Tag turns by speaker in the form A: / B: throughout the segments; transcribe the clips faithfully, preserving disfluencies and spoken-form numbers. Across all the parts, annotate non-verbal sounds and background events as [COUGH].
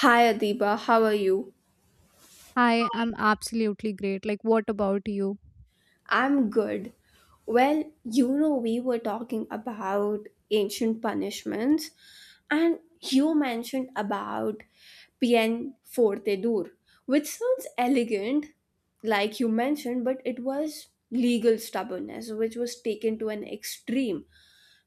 A: Hi Adiba, how are you?
B: Hi, I'm absolutely great. Like, what about you?
A: I'm good. Well, you know, we were talking about ancient punishments, and you mentioned about Pien Forte Dur, which sounds elegant, like you mentioned, but it was legal stubbornness, which was taken to an extreme.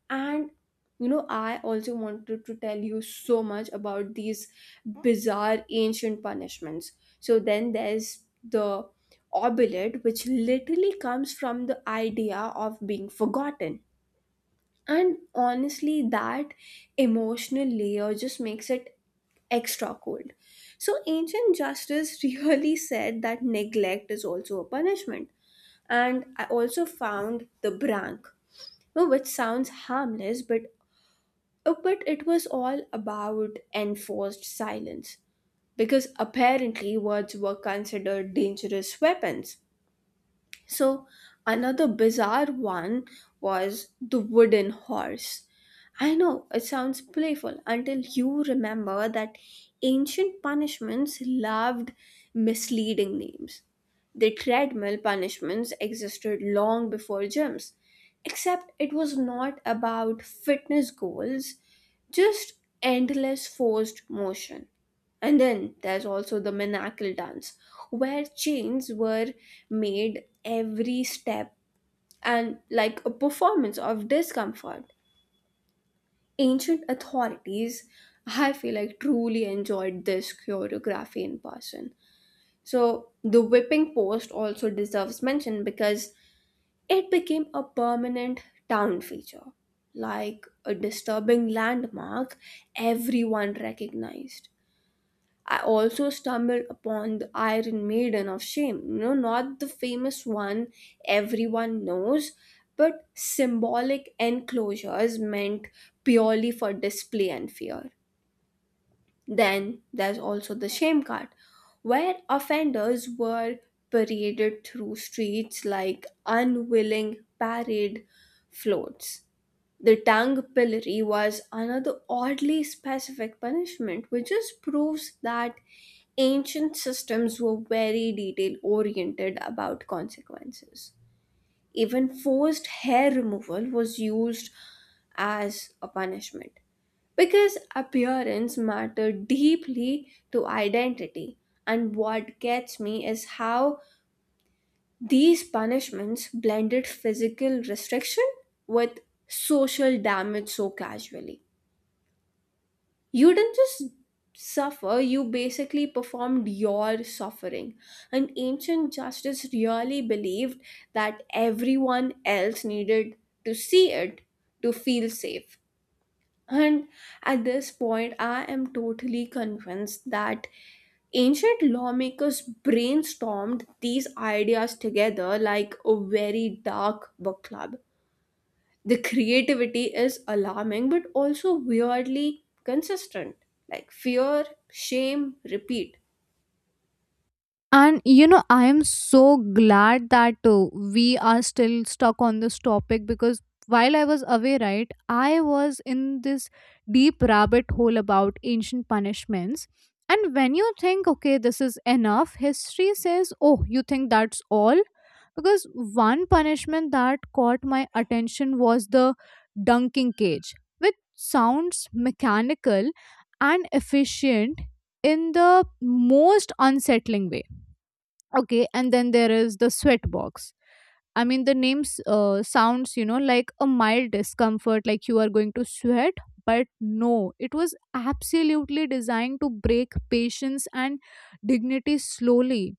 A: And you know, I also wanted to tell you so much about these bizarre ancient punishments. So then there's the obelid, which literally comes from the idea of being forgotten. And honestly, that emotional layer just makes it extra cold. So ancient justice [LAUGHS] really said that neglect is also a punishment. And I also found the brank, you know, which sounds harmless but uh, But it was all about enforced silence, because apparently words were considered dangerous weapons. So another bizarre one was the wooden horse. I know it sounds playful until you remember that ancient punishments loved misleading names. The treadmill punishments existed long before gyms, except it was not about fitness goals, just endless forced motion. And then there's also the Manacle dance, where chains were made every step and like a performance of discomfort. Ancient authorities, I feel like, truly enjoyed this choreography in person. So, the whipping post also deserves mention because it became a permanent town feature, like a disturbing landmark everyone recognized. I also stumbled upon the Iron Maiden of Shame. You know, not the famous one everyone knows, but symbolic enclosures meant purely for display and fear. Then there's also the Shame Cart, where offenders were paraded through streets like unwilling parade floats. The Tang Pillory was another oddly specific punishment, which just proves that ancient systems were very detail oriented about consequences. Even forced hair removal was used as a punishment because appearance mattered deeply to identity. And what gets me is how these punishments blended physical restriction with social damage so casually. You didn't just suffer, you basically performed your suffering. And ancient justice really believed that everyone else needed to see it to feel safe. And at this point, I am totally convinced that ancient lawmakers brainstormed these ideas together like a very dark book club. The creativity is alarming but also weirdly consistent, like fear, shame, repeat.
B: And you know, I am so glad that uh, we are still stuck on this topic because while I was away, right, I was in this deep rabbit hole about ancient punishments. And when you think, okay, this is enough, history says, oh, you think that's all? Because one punishment that caught my attention was the dunking cage, which sounds mechanical and efficient in the most unsettling way. Okay, and then there is the sweat box. I mean, the name s- uh, sounds, you know, like a mild discomfort, like you are going to sweat, but no, it was absolutely designed to break patience and dignity slowly.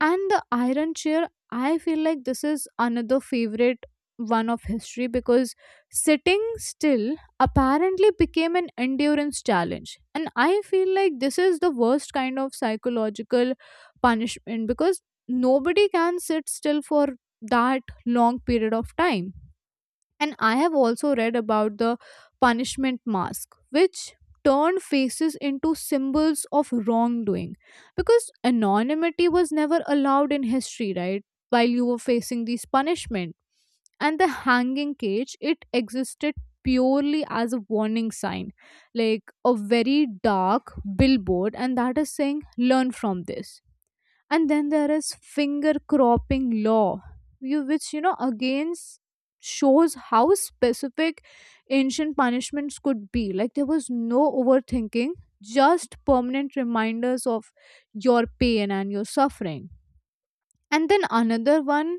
B: And the iron chair, I feel like this is another favorite one of history because sitting still apparently became an endurance challenge. And I feel like this is the worst kind of psychological punishment because nobody can sit still for that long period of time. And I have also read about the punishment mask, which turned faces into symbols of wrongdoing because anonymity was never allowed in history, right? While you were facing these punishment. And the hanging cage, it existed purely as a warning sign, like a very dark billboard, and that is saying, learn from this. And then there is finger cropping law you, which you know again s- shows how specific ancient punishments could be, like there was no overthinking, just permanent reminders of your pain and your suffering. And then another one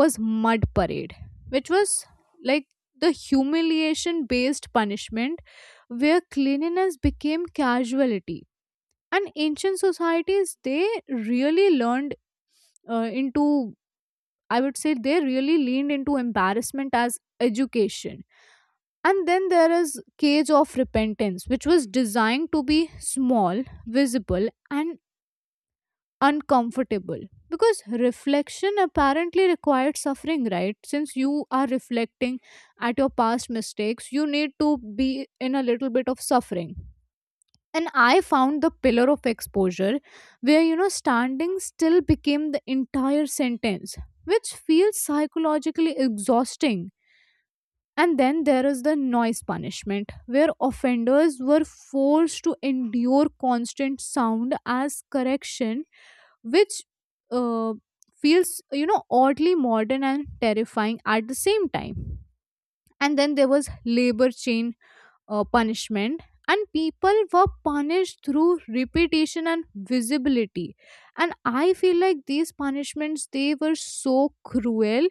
B: was mud parade, which was like the humiliation based punishment where cleanliness became casualty. And ancient societies they really learned uh, into, I would say they really leaned into embarrassment as education. And then there is cage of repentance, which was designed to be small, visible and uncomfortable because reflection apparently required suffering, right? Since you are reflecting at your past mistakes you need to be in a little bit of suffering. And I found the pillar of exposure where you know standing still became the entire sentence, which feels psychologically exhausting. And then there is the noise punishment where offenders were forced to endure constant sound as correction, which uh, feels, you know oddly modern and terrifying at the same time. And then there was labor chain uh, punishment, and people were punished through repetition and visibility. And I feel like these punishments they were so cruel.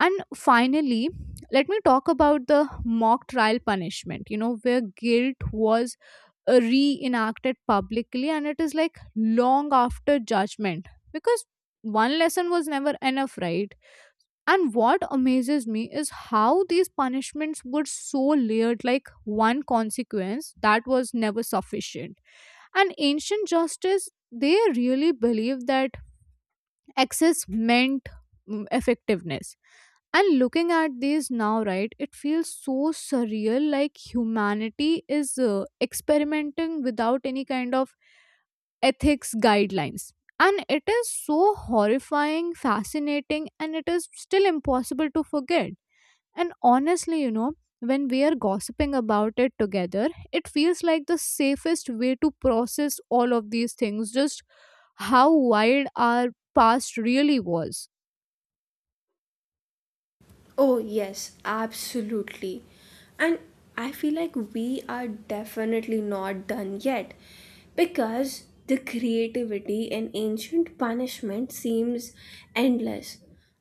B: And finally let me talk about the mock trial punishment, you know where guilt was uh, reenacted publicly and it is like long after judgment because one lesson was never enough, right? And what amazes me is how these punishments were so layered, like one consequence that was never sufficient. And ancient justice, they really believed that excess meant mm, effectiveness. And looking at these now, right, it feels so surreal like humanity is uh, experimenting without any kind of ethics guidelines. And it is so horrifying, fascinating, and it is still impossible to forget. And honestly, you know, when we are gossiping about it together, it feels like the safest way to process all of these things, just how wild our past really was.
A: Oh, yes, absolutely. And I feel like we are definitely not done yet because the creativity in ancient punishment seems endless.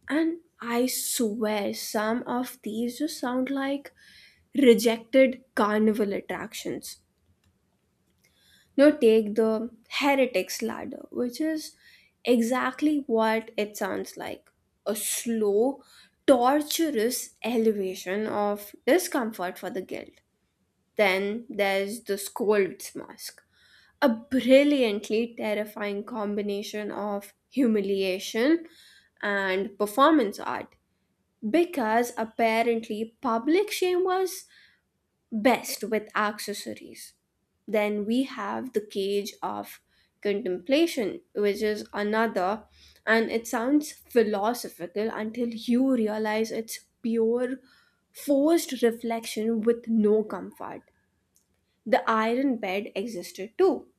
A: And I swear some of these just sound like rejected carnival attractions. Now take the heretic's ladder, which is exactly what it sounds like, a slow, torturous elevation of discomfort for the guilt. Then there's the scold's mask, a brilliantly terrifying combination of humiliation and performance art because apparently public shame was best with accessories. Then we have the cage of contemplation, which is another, and it sounds philosophical until you realize it's pure forced reflection with no comfort. The iron bed existed too,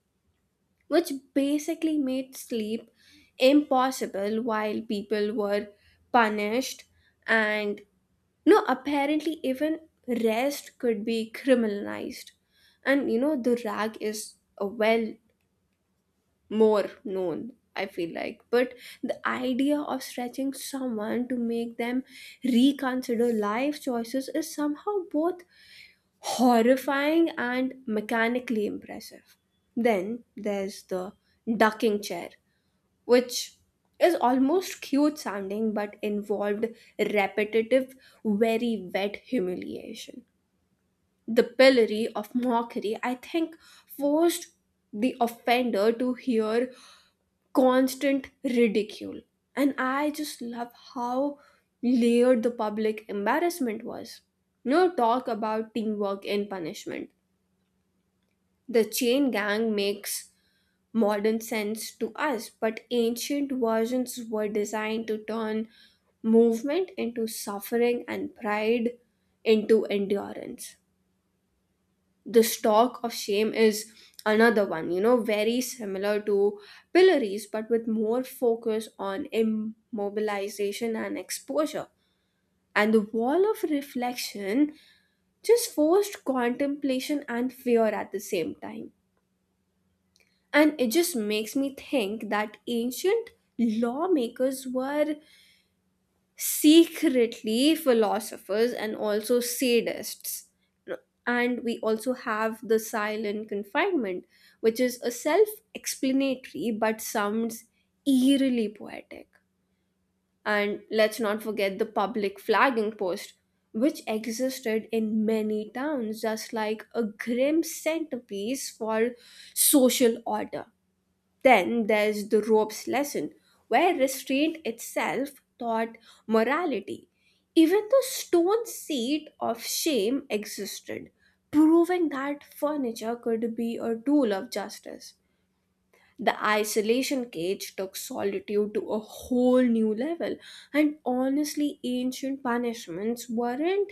A: which basically made sleep impossible while people were punished, and no, apparently, even rest could be criminalized. And you know, the rag is a well more known, I feel like. But the idea of stretching someone to make them reconsider life choices is somehow both horrifying and mechanically impressive. Then there's the ducking chair, which is almost cute sounding but involved repetitive, very wet humiliation. The pillory of mockery, I think, forced the offender to hear constant ridicule. And I just love how layered the public embarrassment was. No talk about teamwork in punishment. The chain gang makes modern sense to us, but ancient versions were designed to turn movement into suffering and pride into endurance. The stalk of shame is another one, you know, very similar to pillories, but with more focus on immobilization and exposure. And the wall of reflection just forced contemplation and fear at the same time. And it just makes me think that ancient lawmakers were secretly philosophers and also sadists. And we also have the silent confinement, which is a self explanatory but sounds eerily poetic. And let's not forget the public flagging post, which existed in many towns, just like a grim centerpiece for social order. Then there's the rope's lesson, where restraint itself taught morality. Even the stone seat of shame existed, proving that furniture could be a tool of justice. The isolation cage took solitude to a whole new level, and honestly, ancient punishments weren't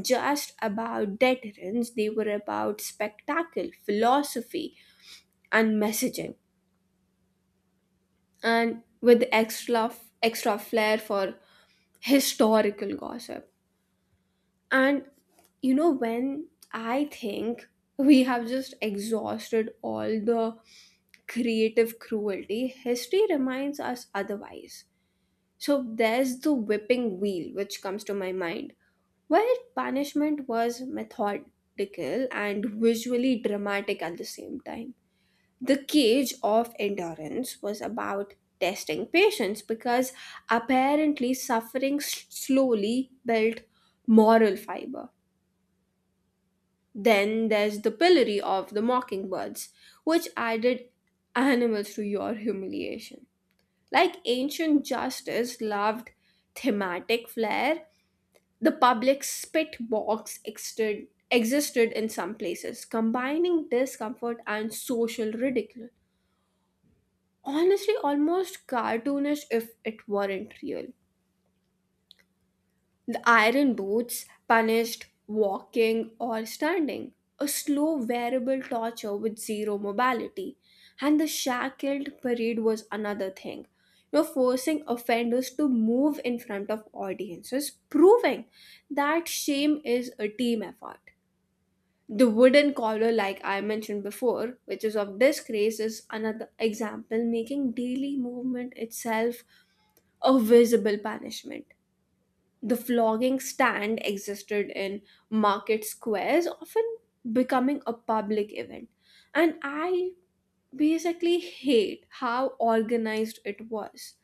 A: just about deterrence, they were about spectacle, philosophy, and messaging, and with extra extra flair for historical gossip. And you know, when I think we have just exhausted all the creative cruelty, history reminds us otherwise. So there's the whipping wheel which comes to my mind, where punishment was methodical and visually dramatic at the same time. The Cage of Endurance was about testing patience because apparently suffering s- slowly built moral fiber. Then there's the Pillory of the Mockingbirds, which added animals to your humiliation. Like ancient justice loved thematic flair, the public spit box existed, existed in some places, combining discomfort and social ridicule. Honestly almost cartoonish if it weren't real. The iron boots punished walking or standing, a slow wearable torture with zero mobility. And the shackled parade was another thing, you know, forcing offenders to move in front of audiences, proving that shame is a team effort. The wooden collar, like I mentioned before, which is of disgrace, is another example, making daily movement itself a visible punishment. The flogging stand existed in market squares, often becoming a public event. And I basically hate how organized it was.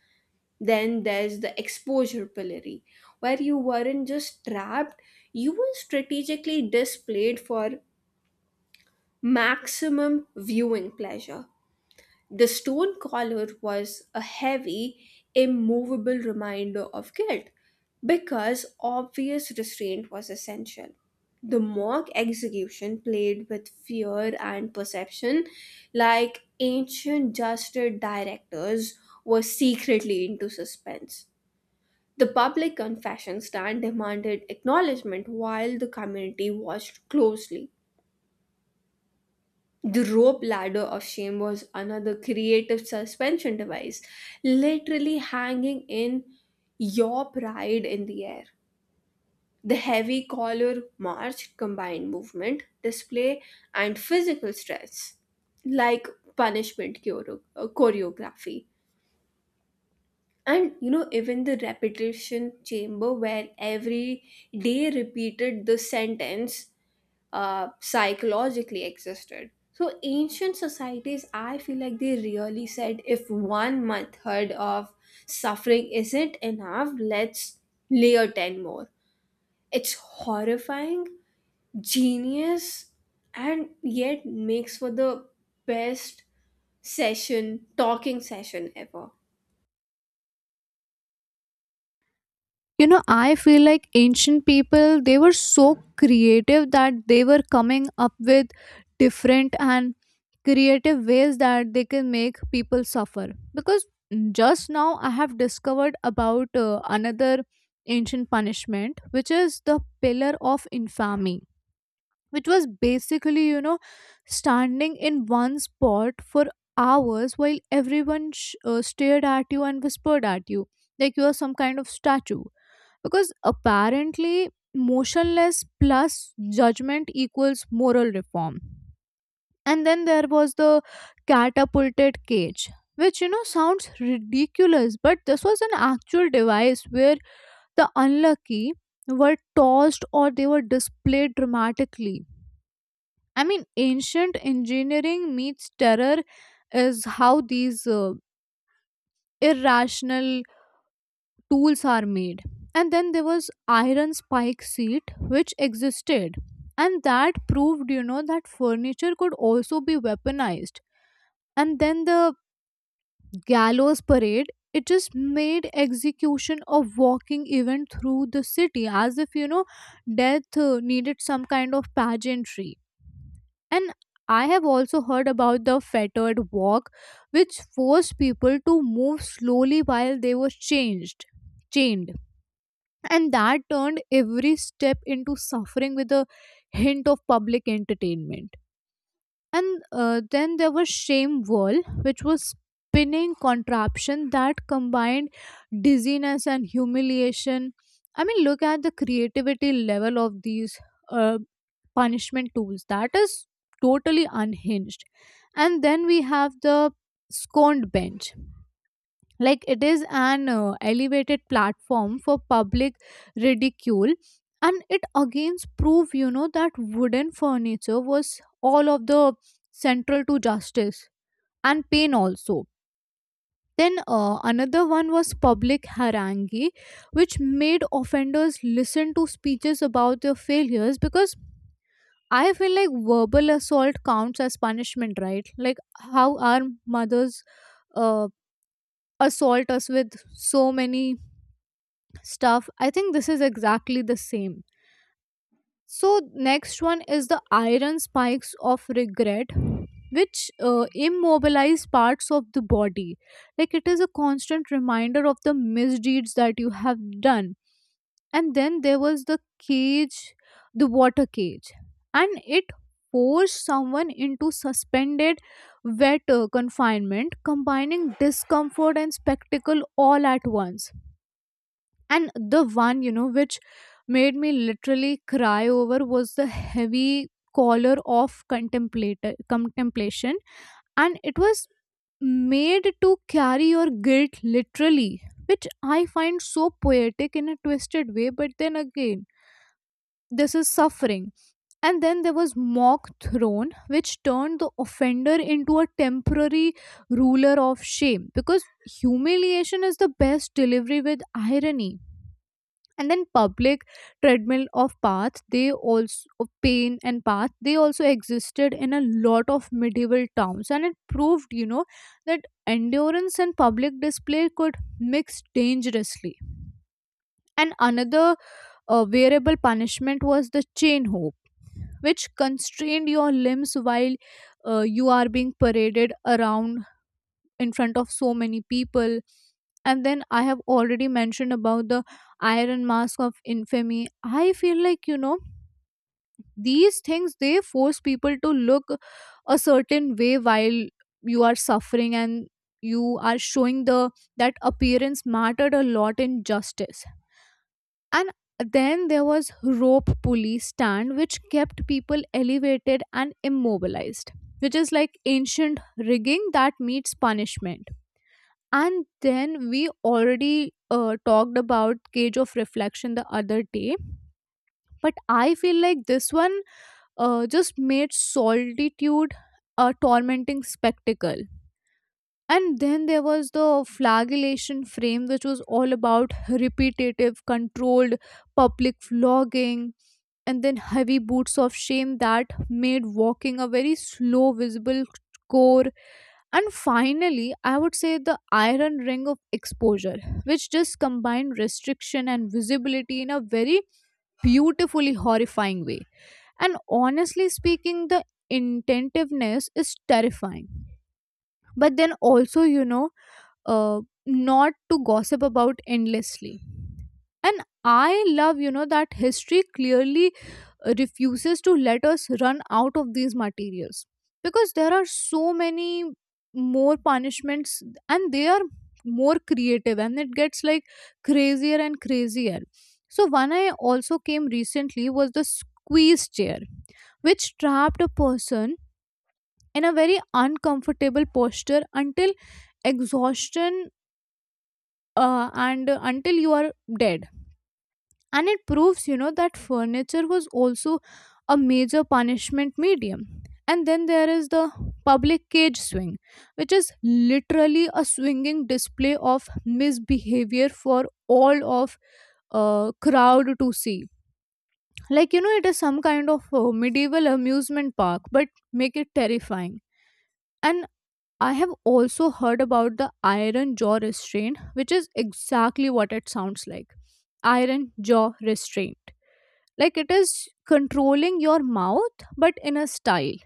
A: Then there's the exposure pillory, where you weren't just trapped, you were strategically displayed for maximum viewing pleasure. The stone collar was a heavy, immovable reminder of guilt because obvious restraint was essential. The mock execution played with fear and perception, like ancient justice directors were secretly into suspense. The public confession stand demanded acknowledgement while the community watched closely. The rope ladder of shame was another creative suspension device, literally hanging in your pride in the air. The heavy collar march combined movement, display, and physical stress, like punishment choro- uh, choreography. And you know, even the repetition chamber where every day repeated the sentence uh, psychologically existed. So ancient societies, I feel like they really said if one method of suffering isn't enough, let's layer ten more. It's horrifying, genius, and yet makes for the best session, talking session ever.
B: You know I feel like ancient people they were so creative that they were coming up with different and creative ways that they can make people suffer because just now I have discovered about uh, another ancient punishment which is the pillar of infamy, which was basically you know standing in one spot for hours while everyone sh- uh, stared at you and whispered at you like you are some kind of statue because apparently motionless plus judgment equals moral reform. And then there was the catapulted cage, which you know sounds ridiculous but this was an actual device where the unlucky were tossed or they were displayed dramatically. I mean ancient engineering meets terror is how these uh, irrational tools are made. And then there was iron spike seat which existed. And that proved, you know, that furniture could also be weaponized. And then the gallows parade, it just made execution a walking event through the city as if, you know, death uh, needed some kind of pageantry. And I have also heard about the fettered walk, which forced people to move slowly while they were changed, chained, and that turned every step into suffering with a hint of public entertainment. And uh, then there was shame wall which was spinning contraption that combined dizziness and humiliation. I mean look at the creativity level of these uh, punishment tools that is totally unhinged. And then we have the scorned bench, like it is an uh, elevated platform for public ridicule. And it again prove you know that wooden furniture was all of the central to justice and pain also. Then uh, another one was public harangue, which made offenders listen to speeches about their failures because I feel like verbal assault counts as punishment, right? Like how our mothers uh, assault us with so many stuff, I think this is exactly the same. So next one is the iron spikes of regret, which uh, immobilize parts of the body, like it is a constant reminder of the misdeeds that you have done. And then there was the cage the water cage, and it forced someone into suspended wet uh, confinement combining discomfort and spectacle all at once. And the one, you know, which made me literally cry over was the heavy collar of contemplator contemplation. And it was made to carry your guilt literally, which I find so poetic in a twisted way, but then again, this is suffering. And then there was mock throne, which turned the offender into a temporary ruler of shame because humiliation is the best delivery with irony. And then public treadmill of paths they also of pain and path they also existed in a lot of medieval towns and it proved you know that endurance and public display could mix dangerously. And another uh, variable punishment was the chain hoop, which constrained your limbs while uh, you are being paraded around in front of so many people. And then I have already mentioned about the iron mask of infamy. I feel like you know these things they force people to look a certain way while you are suffering, and you are showing the that appearance mattered a lot in justice. And then there was rope pulley stand which kept people elevated and immobilized, which is like ancient rigging that meets punishment. And then we already uh, talked about Cage of Reflection the other day, but I feel like this one uh, just made solitude a tormenting spectacle. And then there was the flagellation frame, which was all about repetitive, controlled public flogging. And then heavy boots of shame that made walking a very slow, visible core. And finally, I would say the iron ring of exposure, which just combined restriction and visibility in a very beautifully horrifying way. And honestly speaking, the intentiveness is terrifying. But then also, you know, uh, not to gossip about endlessly. And I love, you know, that history clearly refuses to let us run out of these materials because there are so many more punishments and they are more creative and it gets like crazier and crazier. So one I also came recently was the squeeze chair, which trapped a person in a very uncomfortable posture until exhaustion, uh, and uh, until you are dead. And it proves you know that furniture was also a major punishment medium. And then there is the public cage swing, which is literally a swinging display of misbehavior for all of uh, crowd to see, like you know it is some kind of uh, medieval amusement park but make it terrifying. And I have also heard about the iron jaw restraint which is exactly what it sounds like, iron jaw restraint, like it is controlling your mouth but in a style.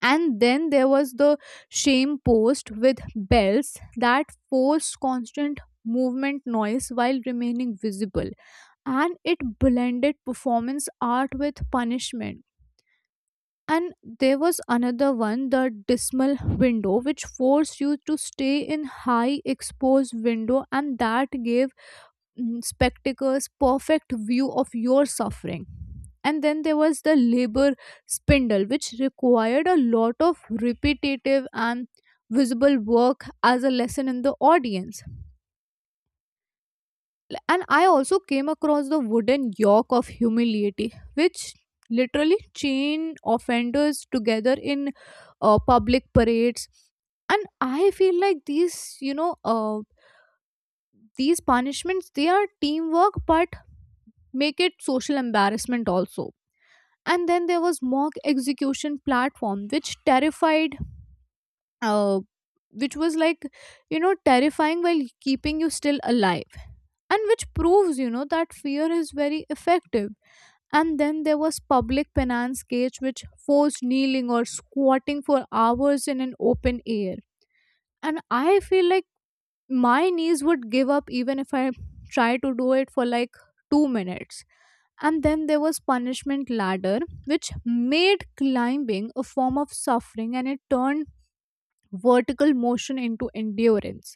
B: And then there was the shame post with bells that forced constant movement noise while remaining visible, and it blended performance art with punishment. And there was another one, the dismal window, which forced you to stay in high exposed window and that gave mm, spectacles perfect view of your suffering. And then there was the labor spindle, which required a lot of repetitive and visible work as a lesson in the audience. And I also came across the wooden yoke of humility, which literally chained offenders together in uh, public parades. And I feel like these you know uh, these punishments they are teamwork but make it social embarrassment also. And then there was mock execution platform which terrified uh, which was like you know terrifying while keeping you still alive, and which proves you know that fear is very effective. And then there was public penance cage, which forced kneeling or squatting for hours in an open air. And I feel like my knees would give up even if I try to do it for Like two minutes. And then there was punishment ladder, which made climbing a form of suffering, and it turned vertical motion into endurance.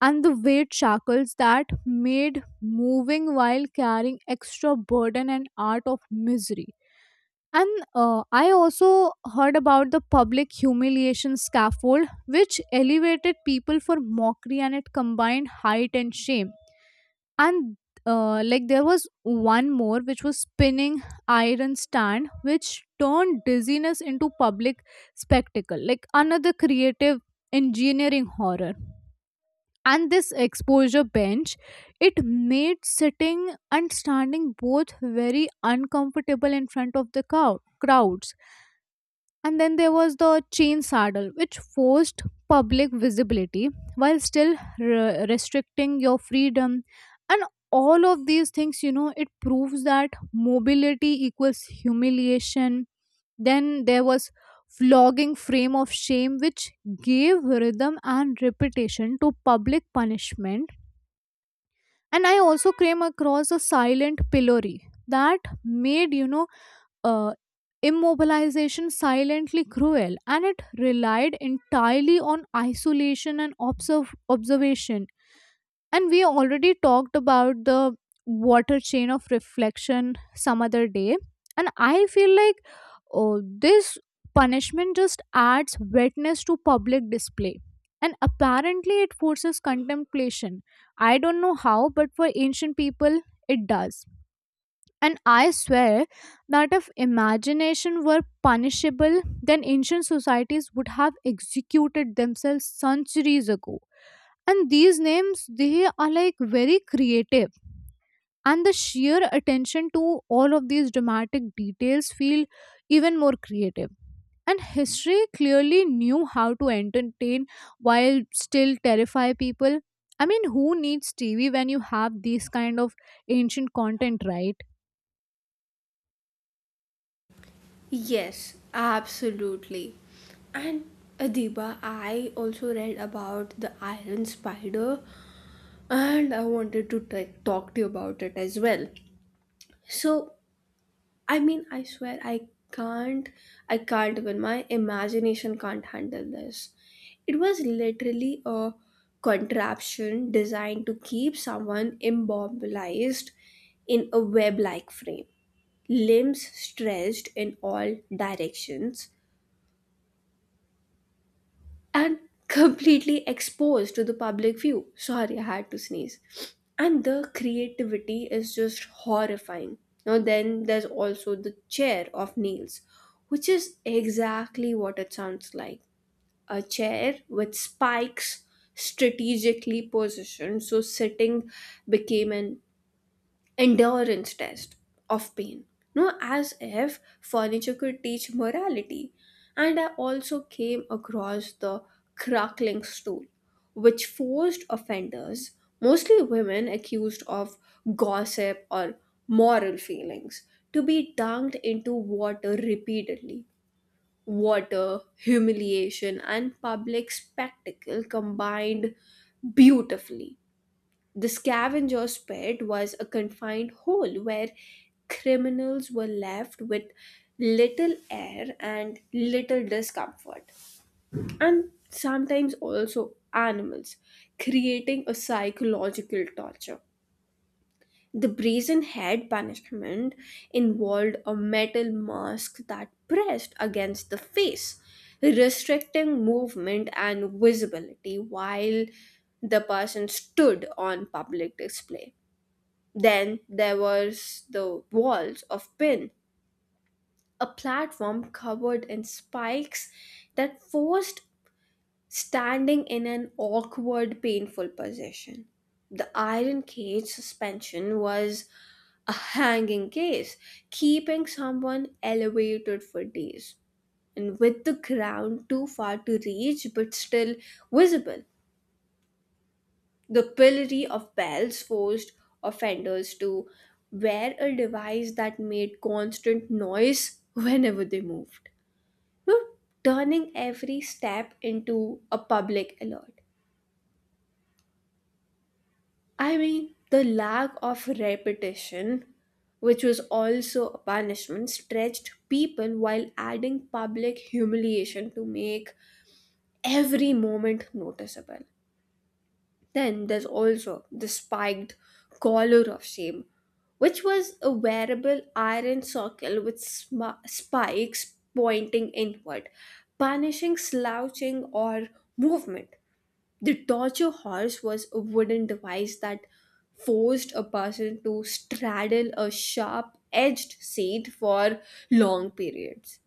B: And the weight shackles that made moving while carrying extra burden and art of misery. And uh, I also heard about the public humiliation scaffold, which elevated people for mockery and it combined height and shame. And uh, like there was one more, which was spinning iron stand, which turned dizziness into public spectacle, like another creative engineering horror. And this exposure bench, it made sitting and standing both very uncomfortable in front of the cow- crowds. And then there was the chain saddle, which forced public visibility while still re- restricting your freedom. And all of these things, you know, it proves that mobility equals humiliation. Then there was flogging frame of shame, which gave rhythm and repetition to public punishment. And I also came across a silent pillory that made, you know, uh, immobilization silently cruel, and it relied entirely on isolation and observ- observation. And we already talked about the water chain of reflection some other day. And I feel like oh, this punishment just adds wetness to public display. And apparently, it forces contemplation. I don't know how, but for ancient people, it does. And I swear that if imagination were punishable, then ancient societies would have executed themselves centuries ago. And these names, they are like very creative. And the sheer attention to all of these dramatic details feel even more creative. And history clearly knew how to entertain while still terrify people. I mean, who needs T V when you have these kind of ancient content, right?
A: Yes, absolutely. And Adiba, I also read about the iron spider and I wanted to t- talk to you about it as well. So, I mean, I swear, I can't, I can't even, my imagination can't handle this. It was literally a contraption designed to keep someone immobilized in a web like frame, limbs stretched in all directions, and completely exposed to the public view. Sorry, I had to sneeze. And the creativity is just horrifying. Now, then there's also the chair of Niels, which is exactly what it sounds like, a chair with spikes strategically positioned. So, sitting became an endurance test of pain. No, as if furniture could teach morality. And I also came across the crackling stool, which forced offenders, mostly women accused of gossip or moral feelings, to be dunked into water repeatedly. Water, humiliation, and public spectacle combined beautifully. The scavenger's pit was a confined hole where criminals were left with little air and little discomfort, and sometimes also animals, creating a psychological torture. The brazen head punishment involved a metal mask that pressed against the face, restricting movement and visibility while the person stood on public display. Then there was the walls of pin, a platform covered in spikes that forced standing in an awkward, painful position. The iron cage suspension was a hanging case, keeping someone elevated for days and with the ground too far to reach but still visible. The pillory of bells forced offenders to wear a device that made constant noise [LAUGHS] whenever they moved, you know, turning every step into a public alert. I mean, the lack of repetition, which was also a punishment, stretched people while adding public humiliation to make every moment noticeable. Then there's also the spiked collar of shame, which was a wearable iron circle with sm- spikes pointing inward, punishing slouching or movement. The torture horse was a wooden device that forced a person to straddle a sharp edged seat for long periods.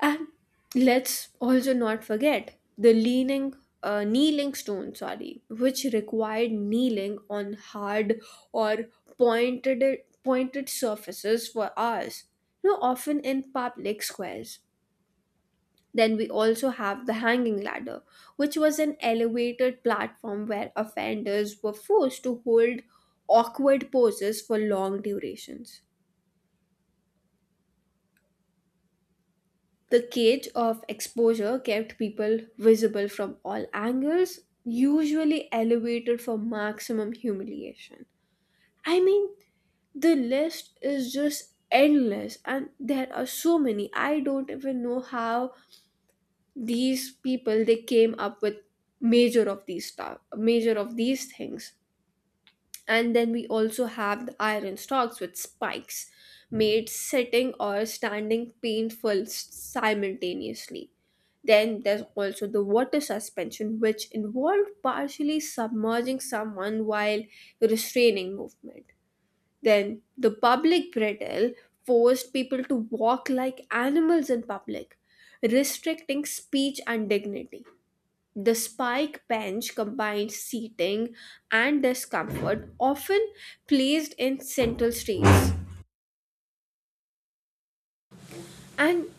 A: And let's also not forget the leaning, uh, kneeling stone, sorry, which required kneeling on hard or pointed pointed surfaces for hours. You know, often in public squares. Then we also have the hanging ladder, which was an elevated platform where offenders were forced to hold awkward poses for long durations. The cage of exposure kept people visible from all angles, usually elevated for maximum humiliation. I mean, the list is just endless and there are so many. I don't even know how these people they came up with major of these stuff, major of these things. And then we also have the iron stocks with spikes made sitting or standing painful s- simultaneously. Then there's also the water suspension which involved partially submerging someone while restraining movement. Then the public bridle forced people to walk like animals in public, restricting speech and dignity. The spike bench combines seating and discomfort, often placed in central streets. And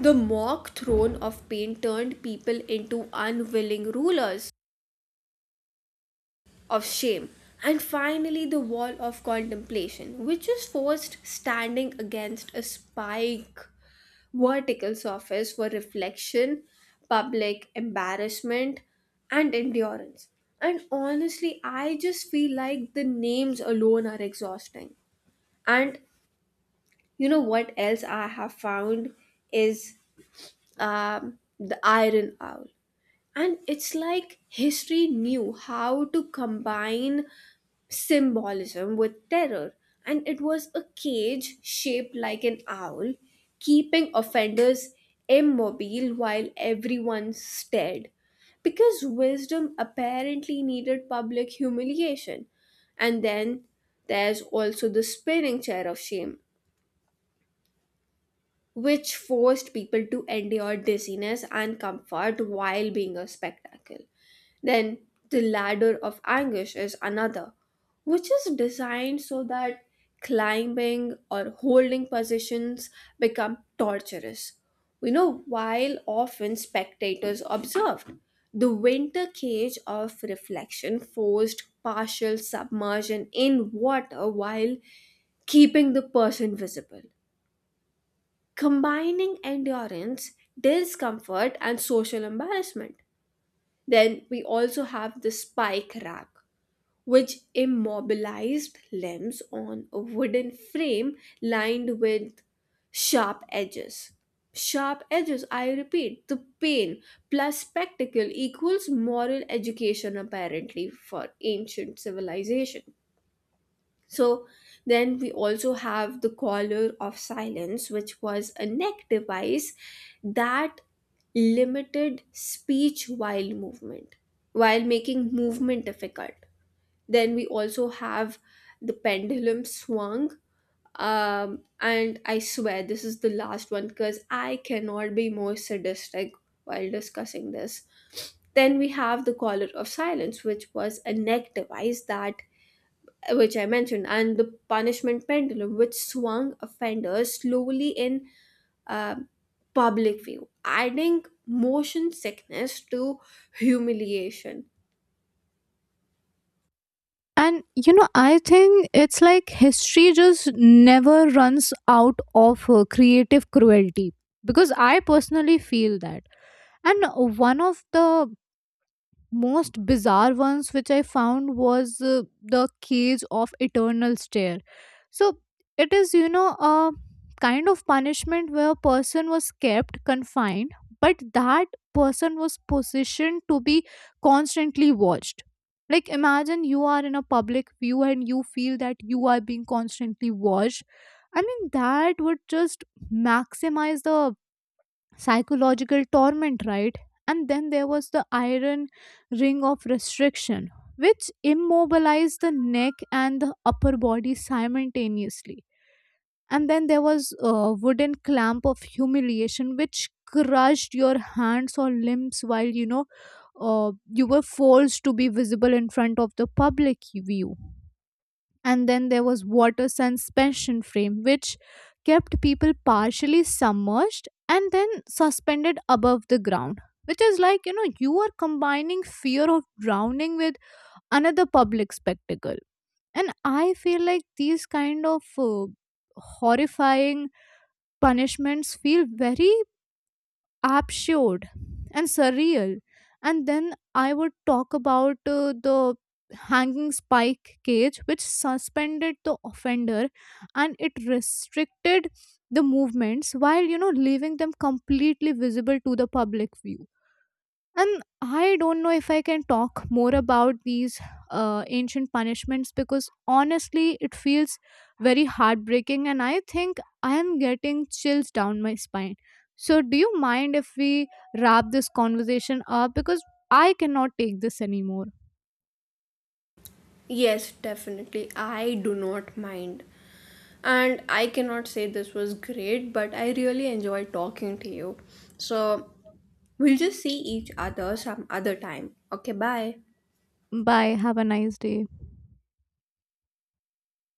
A: the mock throne of pain turned people into unwilling rulers of shame. And finally, the wall of contemplation, which is forced standing against a spike vertical surface for reflection, public embarrassment, and endurance. And honestly, I just feel like the names alone are exhausting. And you know what else I have found is um, the Iron Owl. And it's like history knew how to combine symbolism with terror, and it was a cage shaped like an owl, keeping offenders immobile while everyone stared. Because wisdom apparently needed public humiliation. And then there's also the spinning chair of shame, which forced people to endure dizziness and comfort while being a spectacle. Then the ladder of anguish is another, which is designed so that climbing or holding positions become torturous. You know, while often spectators observed, the winter cage of reflection forced partial submersion in water while keeping the person visible, combining endurance, discomfort, and social embarrassment. Then we also have the spike rack, which immobilized limbs on a wooden frame lined with sharp edges. Sharp edges, I repeat, the pain plus spectacle equals moral education, apparently, for ancient civilization. So, then we also have the collar of silence, which was a neck device that limited speech while movement, while making movement difficult. Then we also have the pendulum swung. Um, and I swear this is the last one because I cannot be more sadistic while discussing this. Then we have the collar of silence, which was a neck device that, which I mentioned, and the punishment pendulum, which swung offenders slowly in uh, public view, adding motion sickness to humiliation.
B: And you know, I think it's like history just never runs out of uh, creative cruelty, because I personally feel that. And one of the most bizarre ones which I found was uh, the cage of eternal stare. So it is, you know, a kind of punishment where a person was kept confined, but that person was positioned to be constantly watched. Like imagine you are in a public view and you feel that you are being constantly watched. I mean that would just maximize the psychological torment, right? And then there was the iron ring of restriction, which immobilized the neck and the upper body simultaneously. And then there was a wooden clamp of humiliation, which crushed your hands or limbs while, you know, uh, you were forced to be visible in front of the public view. And then there was water suspension frame which kept people partially submerged and then suspended above the ground, which is like, you know, you are combining fear of drowning with another public spectacle. And I feel like these kind of uh, horrifying punishments feel very absurd and surreal. And then I would talk about uh, the hanging spike cage, which suspended the offender and it restricted the movements while, you know, leaving them completely visible to the public view. And I don't know if I can talk more about these uh, ancient punishments, because honestly, it feels very heartbreaking, and I think I am getting chills down my spine. So, do you mind if we wrap this conversation up? Because I cannot take this anymore.
A: Yes, definitely. I do not mind. And I cannot say this was great, but I really enjoyed talking to you. So we'll just see each other some other time. Okay, bye.
B: Bye. Have a nice day.